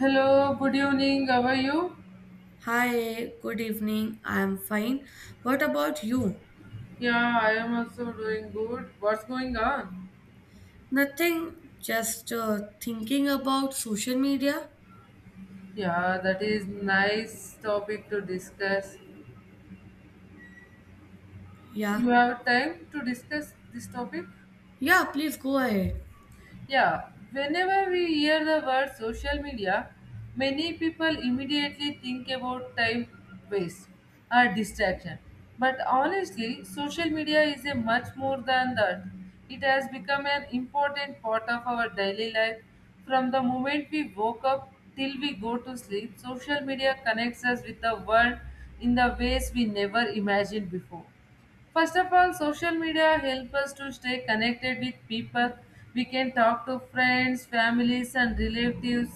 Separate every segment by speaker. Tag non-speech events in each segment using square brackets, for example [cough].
Speaker 1: Hello, good evening. How are you?
Speaker 2: Hi, good evening. I'm fine. What about you?
Speaker 1: Yeah, I am also doing good. What's going on?
Speaker 2: Nothing, just thinking about social media.
Speaker 1: Yeah, that is nice topic to discuss. You
Speaker 2: Yeah.
Speaker 1: have time to discuss this topic?
Speaker 2: Yeah, please go ahead.
Speaker 1: Yeah, whenever we hear the word social media, many people immediately think about time waste or distraction. But honestly, social media is a much more than that. It has become an important part of our daily life. From the moment we woke up till we go to sleep, social media connects us with the world in the ways we never imagined before. First of all, social media help us to stay connected with people. We can talk to friends, families, and relatives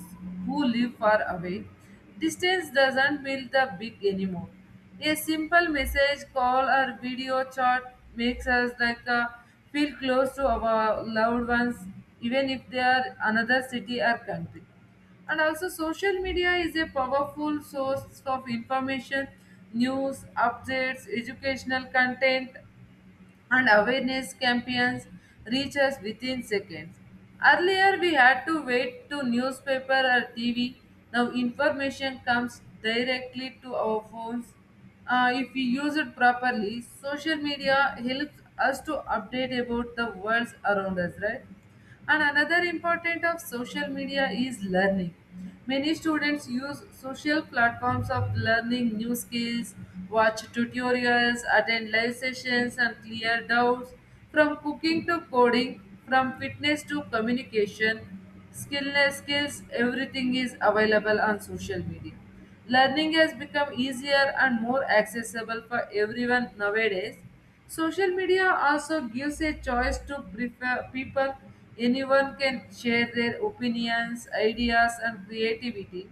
Speaker 1: who live far away. Distance doesn't build the big anymore. A simple message, call, or video chat makes us like feel close to our loved ones, even if they are another city or country. And also, social media is a powerful source of information, news updates, educational content, and awareness campaigns reach us within seconds. Earlier we had to wait to newspaper or TV. Now information comes directly to our phones. If we use it properly, social media helps us to update about the world around us, right? And another important of social media is learning. Many students use social platforms of learning new skills, watch tutorials, attend live sessions and clear doubts from cooking to coding, from fitness to communication, skillness skills, everything is available on social media. Learning has become easier and more accessible for everyone nowadays. Social media also gives a choice to prefer people. Anyone can share their opinions, ideas, and creativity.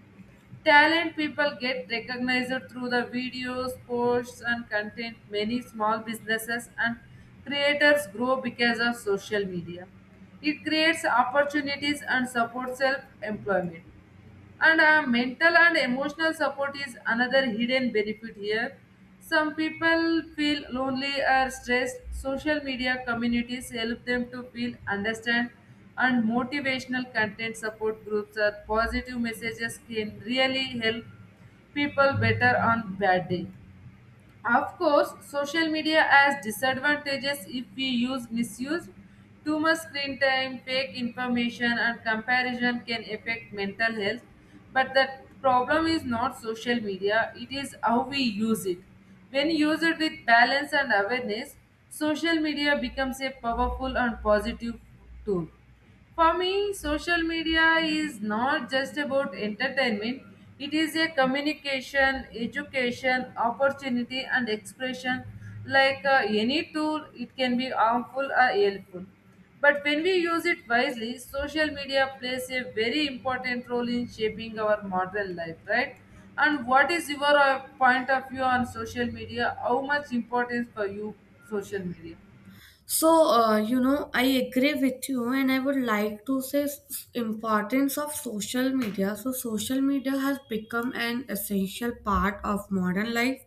Speaker 1: Talent people get recognized through the videos, posts, and content. Many small businesses and creators grow because of social media. It creates opportunities and supports self employment. And mental and emotional support is another hidden benefit here. Some people feel lonely or stressed. Social media communities help them to feel understand, and motivational content support groups or positive messages can really help people better on bad day. Of course, social media has disadvantages if we use misuse. Too much screen time, fake information, and comparison can affect mental health. But the problem is not social media, it is how we use it. When used with balance and awareness, social media becomes a powerful and positive tool. For me, social media is not just about entertainment, it is a communication, education, opportunity, and expression. Any tool, it can be harmful or helpful. But when we use it wisely, social media plays a very important role in shaping our modern life, right? And what is your point of view on social media? How much importance for you, social media?
Speaker 2: So, I agree with you, and I would like to say importance of social media. So, social media has become an essential part of modern life,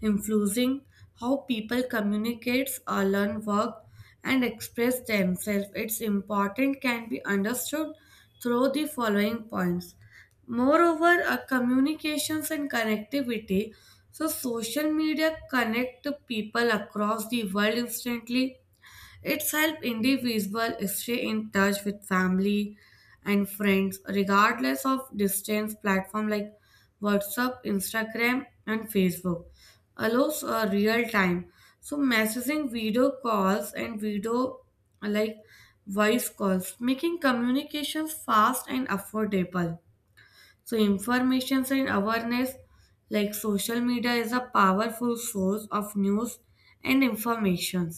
Speaker 2: influencing how people communicate, or learn, work, and express themselves. Its importance can be understood through the following points. Moreover, communications and connectivity. So, social media connect people across the world instantly, it's helped individuals stay in touch with family and friends regardless of distance. Platform like WhatsApp, Instagram, and Facebook allows a real time. So messaging, video calls, and video, like voice calls, making communications fast and affordable. So information and awareness, like social media is a powerful source of news and information.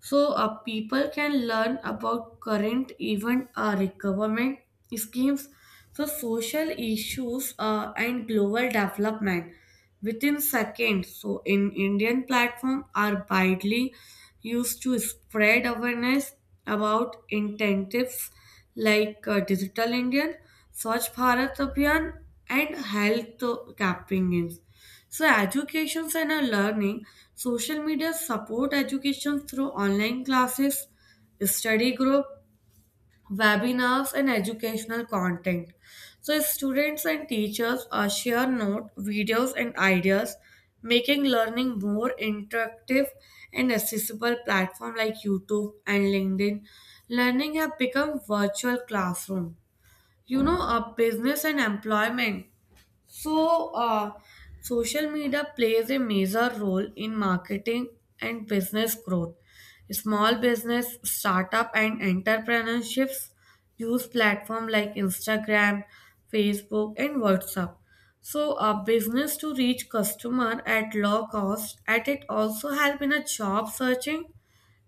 Speaker 2: So people can learn about current event, like government schemes, so social issues, and global development within seconds. So in Indian platform are widely used to spread awareness about incentives like Digital Indian, Swachh Bharat Abhiyan, and health campaigns. So educations and our learning, social media support education through online classes, study group, webinars, and educational content. So students and teachers share notes, videos, and ideas, making learning more interactive and accessible platform like YouTube and LinkedIn. Learning have become virtual classroom. You know, a business and employment, so, social media plays a major role in marketing and business growth. Small business, startup, and entrepreneurships use platforms like Instagram, Facebook, and WhatsApp. So, a business to reach customer at low cost, At it also help in a job searching,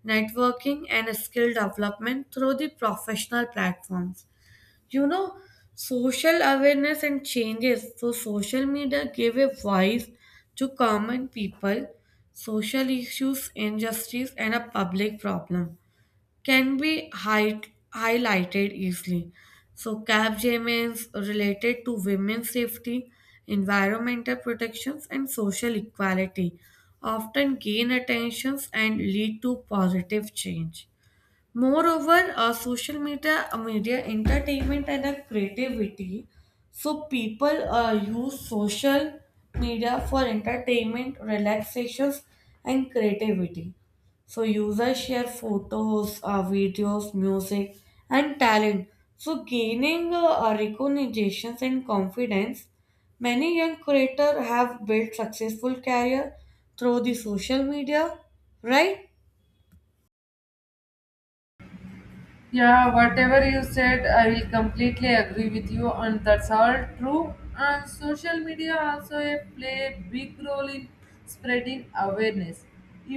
Speaker 2: networking, and skill development through the professional platforms, you know, social awareness and changes, so social media gave a voice to common people, social issues, injustice, and a public problem can be highlighted easily. So capgemini's related to women's safety, environmental protections, and social equality often gain attentions and lead to positive change. Moreover, social media, media entertainment, and creativity. So people use social media for entertainment, relaxations, and creativity. So users share photos, videos, music, and talent. So gaining recognitions and confidence, many young creators have built successful career through the social media, right?
Speaker 1: Yeah, whatever you said, I will completely agree with you, and that's all true. And social media also play a big role in spreading awareness.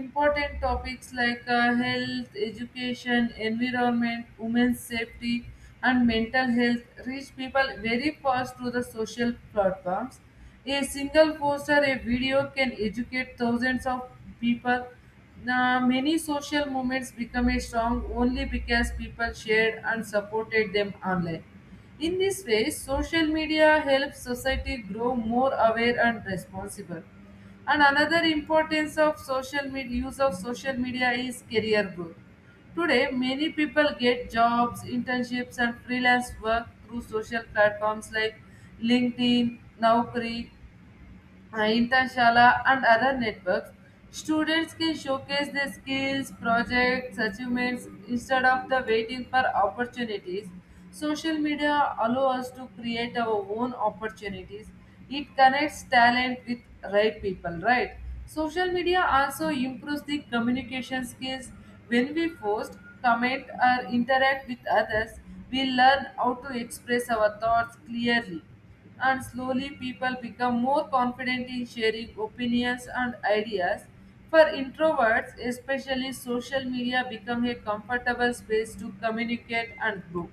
Speaker 1: Important topics like health, education, environment, women's safety, and mental health reach people very fast through the social platforms. A single post or a video can educate thousands of people. Now, many social movements become a strong only because people shared and supported them online. In this way, social media helps society grow more aware and responsible. And another importance of social media use of social media is career growth. Today, many people get jobs, internships, and freelance work through social platforms like LinkedIn, Naukri, Internshala, and other networks. Students can showcase their skills, projects, achievements instead of the waiting for opportunities. Social media allows us to create our own opportunities. It connects talent with right people, right? Social media also improves the communication skills. When we post, comment, or interact with others, we learn how to express our thoughts clearly, and slowly people become more confident in sharing opinions and ideas. For introverts, especially social media become a comfortable space to communicate and grow.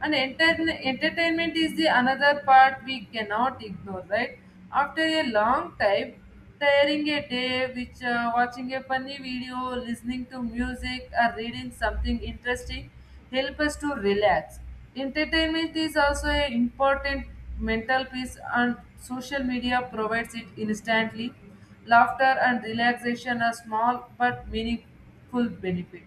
Speaker 1: And entertainment is the another part we cannot ignore, right? After a long time, tiring a day which watching a funny video, listening to music, or reading something interesting help us to relax. Entertainment is also an important mental piece, and social media provides it instantly. Laughter and relaxation are small but meaningful benefit.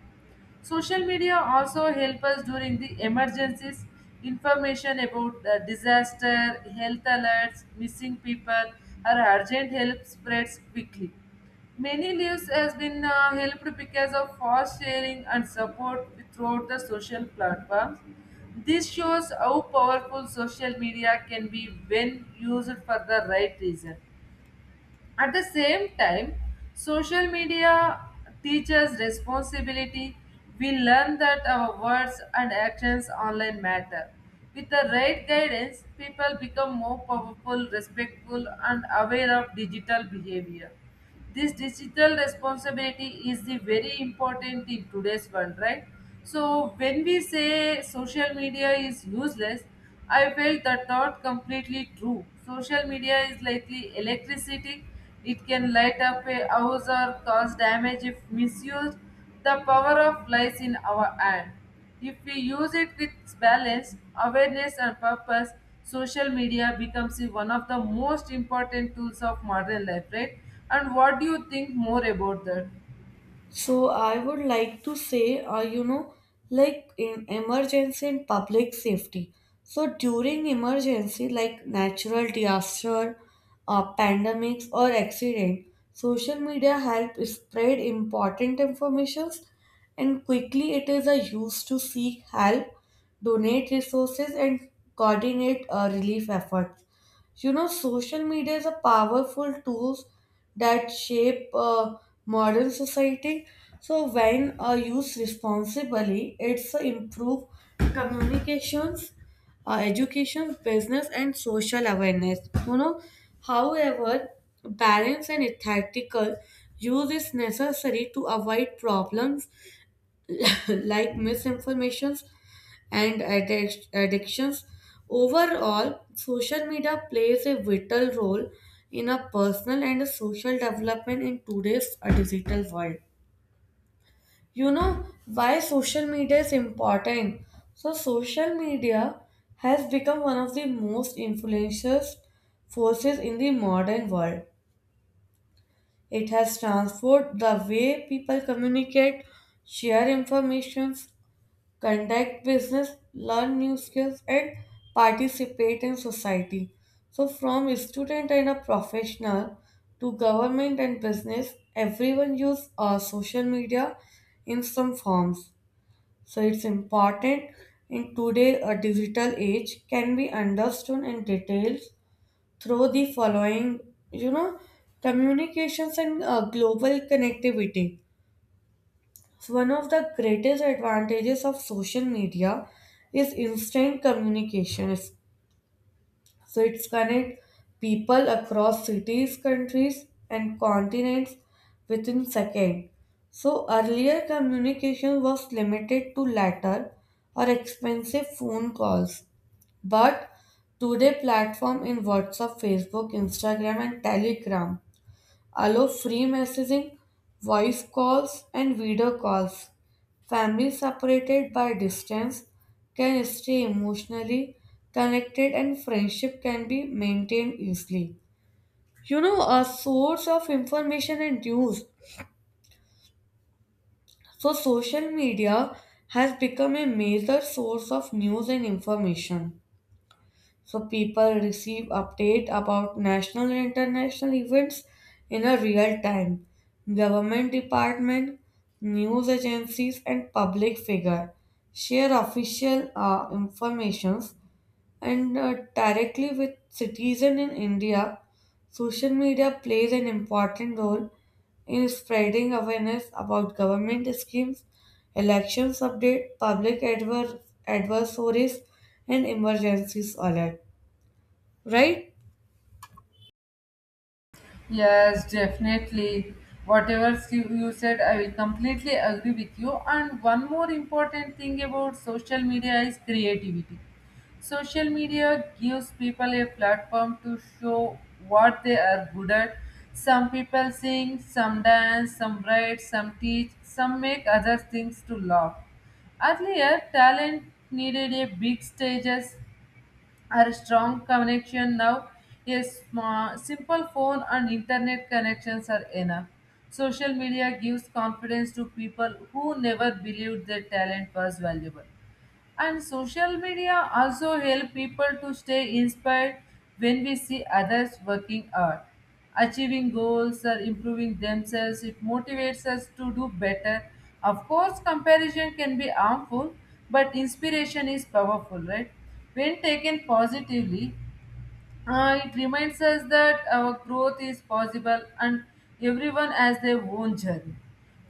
Speaker 1: Social media also help us during the emergencies. Information about the disaster, health alerts, missing people, or urgent help spreads quickly. Many lives has been helped because of fast sharing and support throughout the social platforms. This shows how powerful social media can be when used for the right reason. At the same time, social media teaches responsibility. We learn that our words and actions online matter. With the right guidance, people become more powerful, respectful, and aware of digital behavior. This digital responsibility is the very important in today's world, right? So when we say social media is useless, I felt that not completely true. Social media is likely electricity. It can light up a house or cause damage if misused. The power of lies in our hand. If we use it with balance, awareness, and purpose, social media becomes one of the most important tools of modern life, right? And what do you think more about that?
Speaker 2: So I would like to say, like in emergency and public safety. So during emergency, like natural disaster, pandemics or accident, social media help spread important informations, and quickly it is a use to seek help, donate resources, and coordinate relief efforts. You know, social media is a powerful tool that shape modern society. So when used responsibly, it's improve communications, education, business, and social awareness. You know, however, balance and ethical use is necessary to avoid problems [laughs] like misinformations and addictions. Overall, social media plays a vital role in a personal and a social development in today's digital world. You know why social media is important? So, social media has become one of the most influential forces in the modern world. It has transformed the way people communicate, share information, conduct business, learn new skills, and participate in society. So, from a student and a professional to government and business, everyone use social media in some forms. So, it's important in today a digital age can be understood in details through the following, you know, communications and global connectivity. One of the greatest advantages of social media is instant communication. So it's connect people across cities, countries, and continents within seconds. So earlier communication was limited to letter or expensive phone calls. But today platform in WhatsApp, Facebook, Instagram, and Telegram allow free messaging, voice calls, and video calls. Families separated by distance can stay emotionally connected, and friendship can be maintained easily. You know, a source of information and news. So, social media has become a major source of news and information. So people receive update about national and international events in a real time. Government department, news agencies, and public figure share official informations and directly with citizen in india. Social media plays an important role in spreading awareness about government schemes, elections update, public adversaries, and emergencies alert. Right?
Speaker 1: Yes, definitely. Whatever you said, I will completely agree with you. And one more important thing about social media is creativity. Social media gives people a platform to show what they are good at. Some people sing, some dance, some write, some teach, some make other things to laugh. Earlier, talent needed a big stages. Our strong connection now is simple phone and internet connections are enough. Social media gives confidence to people who never believed their talent was valuable. And social media also help people to stay inspired when we see others working hard, achieving goals, or improving themselves. It motivates us to do better. Of course, comparison can be harmful, but inspiration is powerful, right? When taken positively, it reminds us that our growth is possible and everyone has their own journey.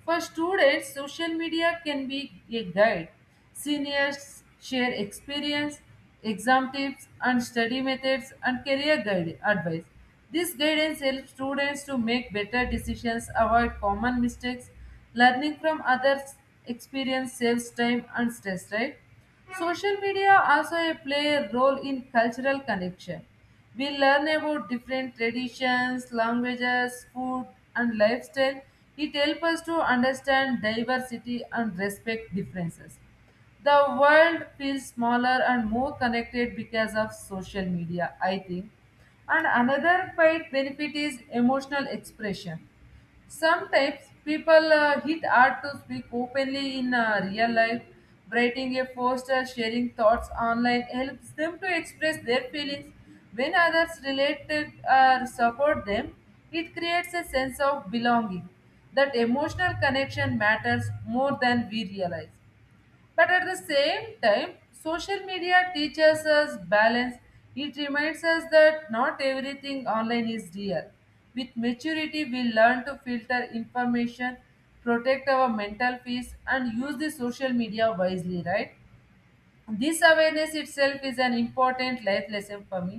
Speaker 1: For students, social media can be a guide. Seniors share experience, exam tips, and study methods and career guide advice. This guidance helps students to make better decisions, avoid common mistakes. Learning from others' experience saves time and stress, right? Social media also play a role in cultural connection. We learn about different traditions, languages, food, and lifestyle. It helps us to understand diversity and respect differences. The world feels smaller and more connected because of social media, I think. And another quite benefit is emotional expression. Sometimes people hit hard to speak openly in real life. Writing a post or sharing thoughts online helps them to express their feelings. When others relate to or support them, it creates a sense of belonging. That emotional connection matters more than we realize. But at the same time, social media teaches us balance. It reminds us that not everything online is real. With maturity, we learn to filter information, protect our mental peace, and use the social media wisely, right? This awareness itself is an important life lesson for me.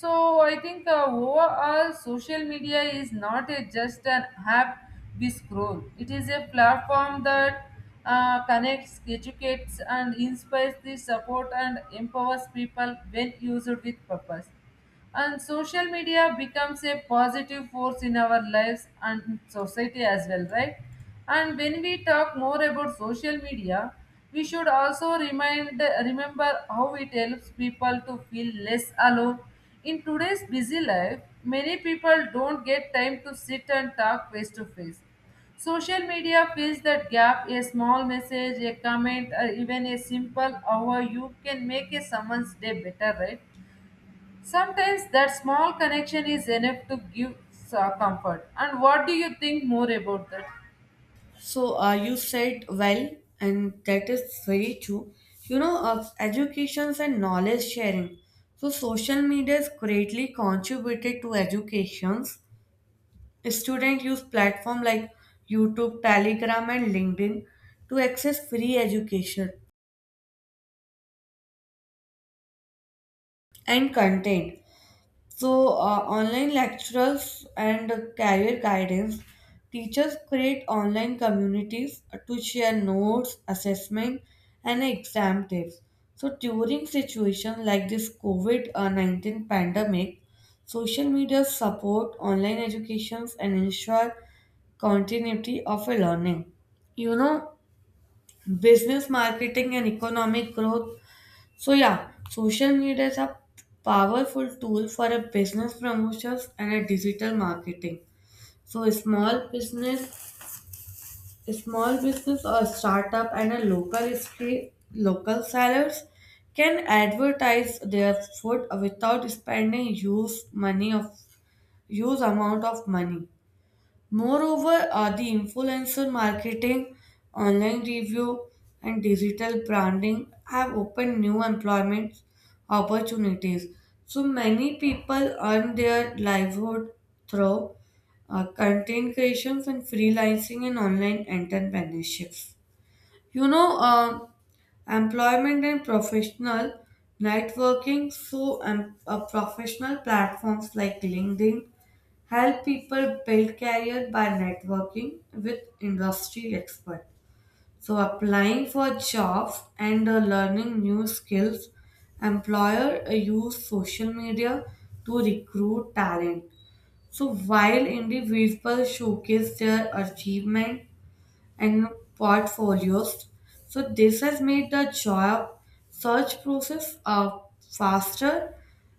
Speaker 1: So I think overall, social media is not just an app we scroll. It is a platform that connects, educates, and inspires the support and empowers people when used with purpose. And social media becomes a positive force in our lives and society as well, right? And when we talk more about social media, we should also remind remember how it helps people to feel less alone. In today's busy life, many people don't get time to sit and talk face to face. Social media fills that gap. A small message, a comment, or even a simple "How are you?" can make a someone's day better, right? Sometimes that small connection is enough to give comfort. And what do you think more about that?
Speaker 2: So you said well, and that is very true. You know, of educations and knowledge sharing. So social media is greatly contributed to educations. Students use platform like YouTube, Telegram, and LinkedIn to access free education and content. So, online lectures and career guidance. Teachers create online communities to share notes, assessment, and exam tips. So, during situation like this COVID 19 pandemic, social media support online educations and ensure continuity of a learning. You know, business marketing and economic growth, so yeah, social media is a powerful tool for a business promotions and a digital marketing. So a small business or startup and a local street, local sellers can advertise their food without spending huge money of huge amount of money. Moreover, the influencer marketing, online review, and digital branding have opened new employment opportunities. So many people earn their livelihood through content creations and freelancing and online entrepreneurships, you know, employment and professional networking. So professional platforms like LinkedIn help people build career by networking with industry experts, so applying for jobs and learning new skills. Employer use social media to recruit talent, so while individuals showcase their achievement and portfolios. So this has made the job search process faster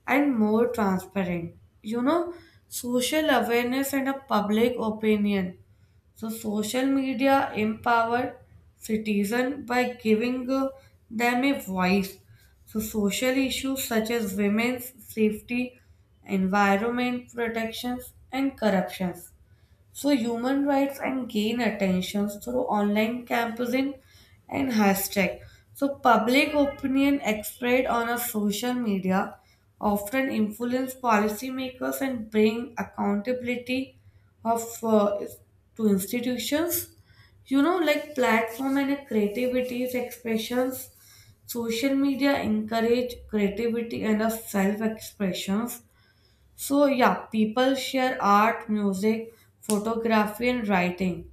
Speaker 2: and more transparent. You know, social awareness and a public opinion. So social media empowered citizen by giving them a voice. So social issues such as women's safety, environment protections, and corruptions, so human rights and gain attention through online campaign and hashtag. So public opinion expressed on a social media often influence policymakers and bring accountability of to institutions. You know, like platform and creativity's expressions. Social media encourage creativity and self expressions, so yeah, people share art, music, photography, and writing.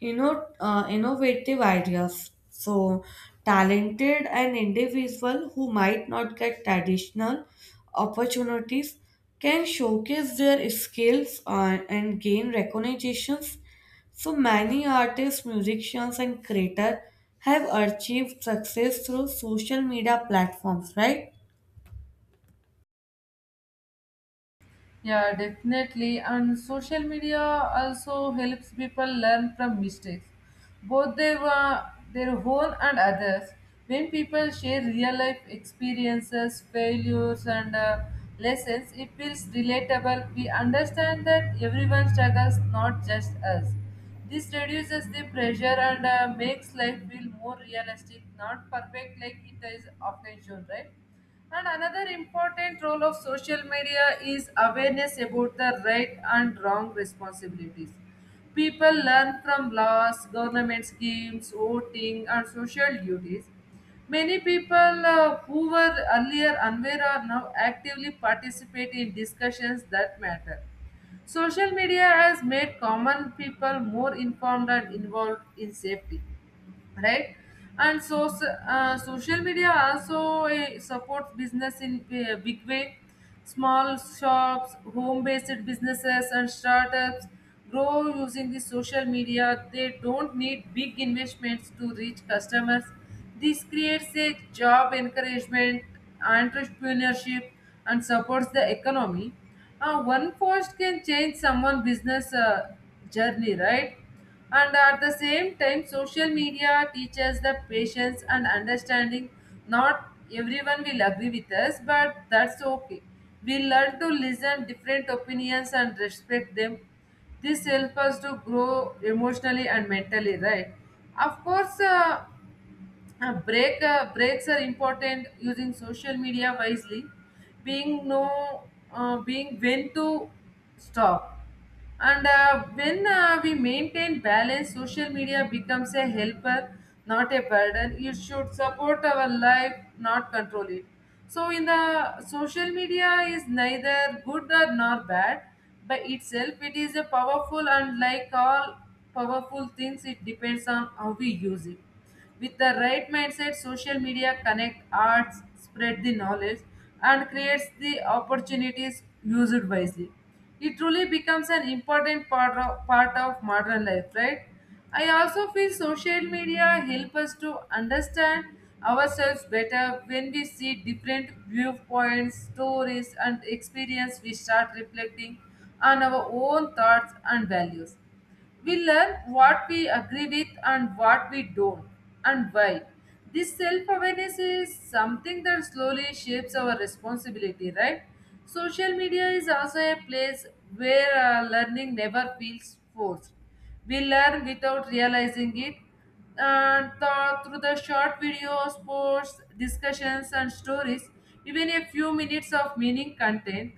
Speaker 2: You know, innovative ideas. So talented and individual who might not get traditional opportunities can showcase their skills and gain recognitions. So many artists, musicians, and creators have achieved success through social media platforms, right?
Speaker 1: Yeah, definitely. And social media also helps people learn from mistakes, both their own and others. When people share real life experiences, failures, and lessons, it feels relatable. We understand that everyone struggles, not just us. This reduces the pressure and makes life feel more realistic, not perfect like it is often shown, right? And another important role of social media is awareness about the right and wrong responsibilities. People learn from laws, government schemes, voting, and social duties. Many people who were earlier unaware are now actively participate in discussions that matter. Social media has made common people more informed and involved in safety, right? And so social media also supports business in a big way. Small shops, home based businesses, and startups grow using the social media. They don't need big investments to reach customers. This creates a job encouragement, entrepreneurship, and supports the economy. One post can change someone's business journey, right? And at the same time, social media teaches the patience and understanding. Not everyone will agree with us, but that's okay. We learn to listen different opinions and respect them. This helps us to grow emotionally and mentally, right? Of course, breaks are important using social media wisely. Being know, being when to stop, and when we maintain balance, social media becomes a helper, not a burden. It should support our life, not control it. So, in the social media is neither good or nor bad by itself. It is a powerful and like all powerful things, it depends on how we use it. With the right mindset, social media connect arts, spread the knowledge, and creates the opportunities used wisely. It truly becomes an important part of modern life, right? I also feel social media help us to understand ourselves better when we see different viewpoints, stories, and experience. We start reflecting on our own thoughts and values. We learn what we agree with and what we don't, and why. This self awareness is something that slowly shapes our responsibility, right? Social media is also a place where learning never feels forced. We learn without realizing it, and through the short videos, posts, discussions, and stories, even a few minutes of meaning content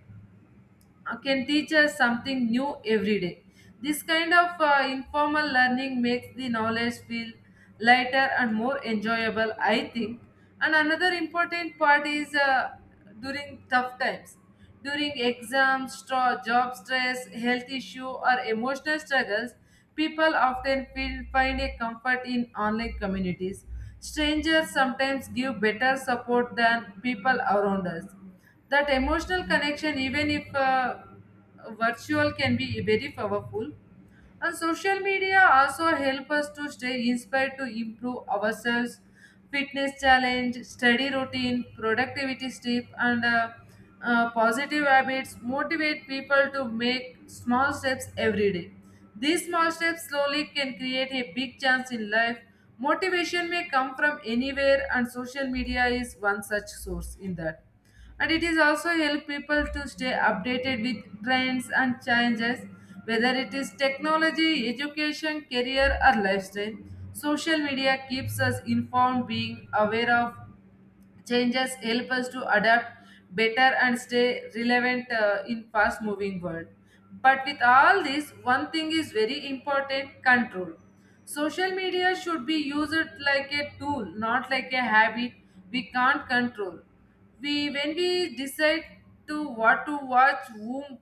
Speaker 1: can teach us something new every day. This kind of informal learning makes the knowledge feel lighter and more enjoyable, I think. And another important part is during tough times. During exams, job stress, health issue, or emotional struggles, people often find a comfort in online communities. Strangers sometimes give better support than people around us. That emotional connection, even if virtual, can be very powerful. And social media also help us to stay inspired to improve ourselves, fitness challenge, study routine, productivity tip, and positive habits motivate people to make small steps every day. These small steps slowly can create a big chance in life. Motivation may come from anywhere, and social media is one such source in that. And it is also help people to stay updated with trends and changes, whether it is technology, education, career, or lifestyle. Social media keeps us informed. Being aware of changes help us to adapt better and stay relevant in fast moving world. But with all this, one thing is very important, control. Social media should be used like a tool, not like a habit we can't control. We when we decide to what to watch, whom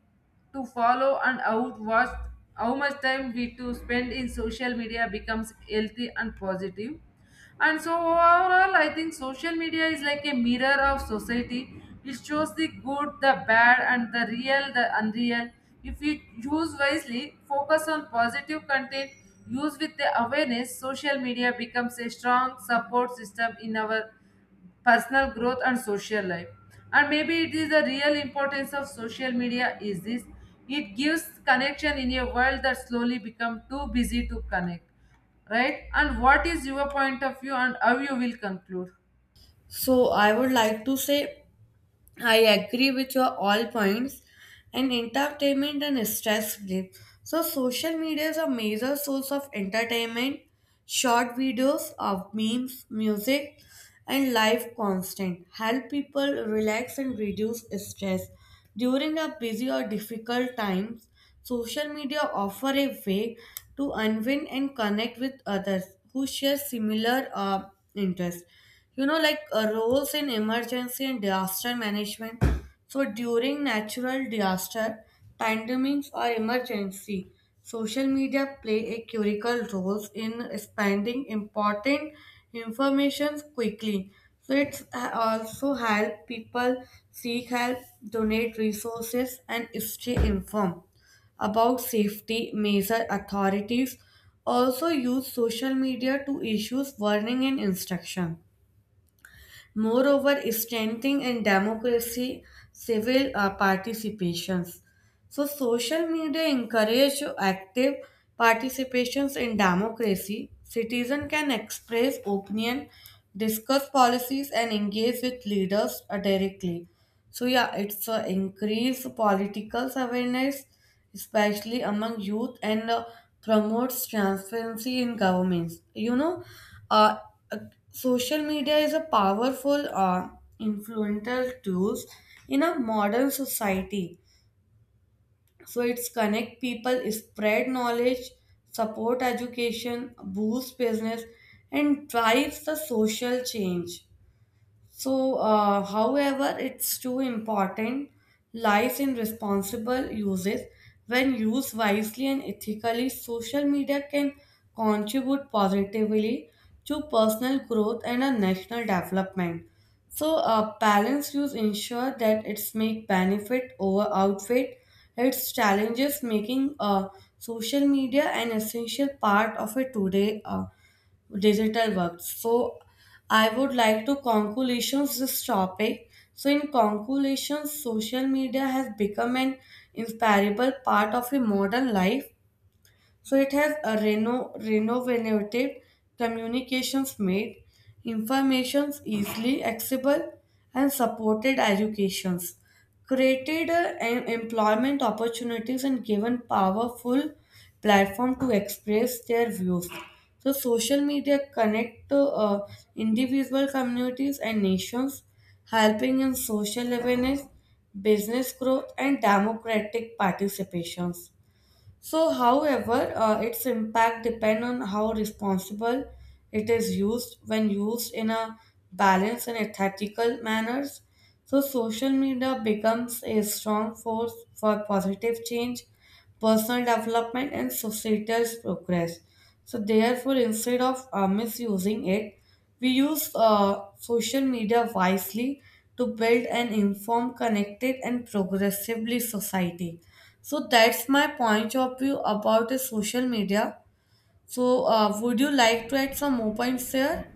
Speaker 1: to follow, and how watch how much time we to spend, in social media becomes healthy and positive. And so overall, I think social media is like a mirror of society. It shows the good, the bad, and the real, the unreal. If you use wisely, focus on positive content, use with the awareness, social media becomes a strong support system in our personal growth and social life. And maybe it is the real importance of social media is this, it gives connection in a world that slowly become too busy to connect, right? And what is your point of view, and how you will conclude?
Speaker 2: So I would like to say I agree with your all points, and entertainment and stress relief. So social media is a major source of entertainment, short videos of memes, music, and live constant help people relax and reduce stress. During a busy or difficult times, social media offer a way to unwind and connect with others who share similar interests. You know, like roles in emergency and disaster management. So during natural disaster, pandemics or emergency, social media play a critical role in spreading important information quickly. So it's also help people seek help, donate resources, and stay informed about safety measure. Authorities also use social media to issue warning and instruction. Moreover, strengthening and democracy civil participations. So social media encourage active participations in democracy. Citizen can express opinion, discuss policies, and engage with leaders directly. So yeah, it's increase political awareness, especially among youth, and promotes transparency in governments. You know, uh, uh, social media is a powerful influential tools in a modern society, so it's connect people, spread knowledge, support education, boost business, and drives the social change. So, however, it's too important lies in responsible uses. When used wisely and ethically, social media can contribute positively to personal growth and a national development. So, a balanced use ensure that its make benefit over outfit. Its challenges making social media an essential part of a today. Digital work. So I would like to conclusions this topic. So in conclusion, social media has become an inseparable part of a modern life, so it has a renovative communications made, informations easily accessible, and supported educations, created employment opportunities, and given powerful platform to express their views. So social media connect to individual communities and nations, helping in social awareness, business growth, and democratic participations. So, however, its impact depend on how responsible it is used when used in a balanced and ethical manners. So, social media becomes a strong force for positive change, personal development, and societal progress. So, therefore, instead of misusing it, we use social media wisely to build an informed, connected, and progressively society. So that's my point of view about the social media. So would you like to add some more points there?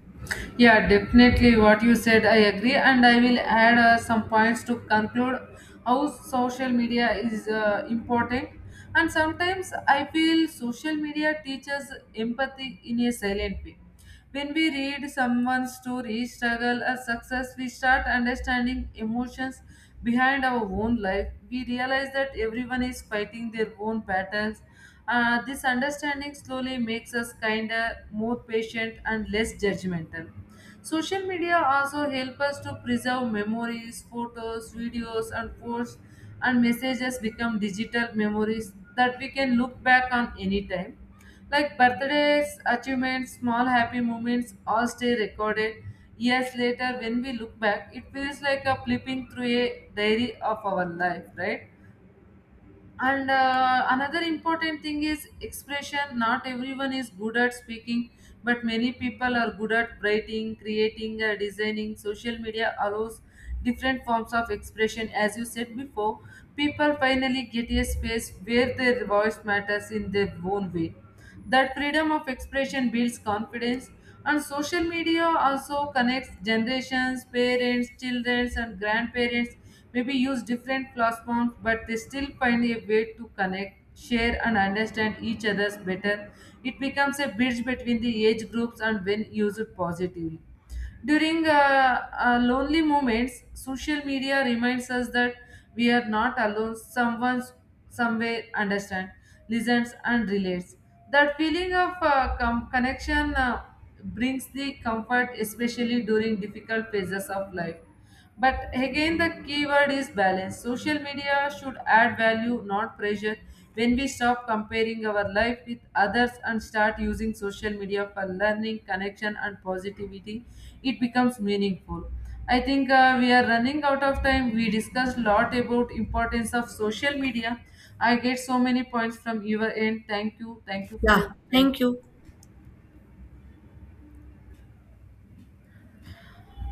Speaker 1: Yeah, definitely what you said, I agree, and I will add some points to conclude how social media is important. And sometimes I feel social media teaches empathy in a silent way. When we read someone's story, struggle, or success, we start understanding emotions behind our own life. We realize that everyone is fighting their own battles. This understanding slowly makes us kinder, more patient, and less judgmental. Social media also help us to preserve memories, photos, videos, and posts and messages become digital memories that we can look back on anytime. Like birthdays, achievements, small happy moments all stay recorded. Years later, when we look back, it feels like a flipping through a diary of our life, right? And another important thing is expression. Not everyone is good at speaking, but many people are good at writing, creating, designing. Social media allows different forms of expression. As you said before, people finally get a space where their voice matters in their own way. That freedom of expression builds confidence, and social media also connects generations, parents, children, and grandparents. Maybe use different platforms, but they still find a way to connect, share, and understand each other's better. It becomes a bridge between the age groups and when used positively. During lonely moments, social media reminds us that we are not alone. Someone somewhere understands, listens, and relates. That feeling of connection brings the comfort, especially during difficult phases of life. But again, the keyword is balance. Social media should add value, not pressure. When we stop comparing our life with others and start using social media for learning, connection, and positivity, it becomes meaningful. I think we are running out of time. We discussed a lot about importance of social media. I get so many points from your end. Thank you. Thank you for
Speaker 2: Yeah,
Speaker 1: your
Speaker 2: thank
Speaker 1: time.
Speaker 2: you.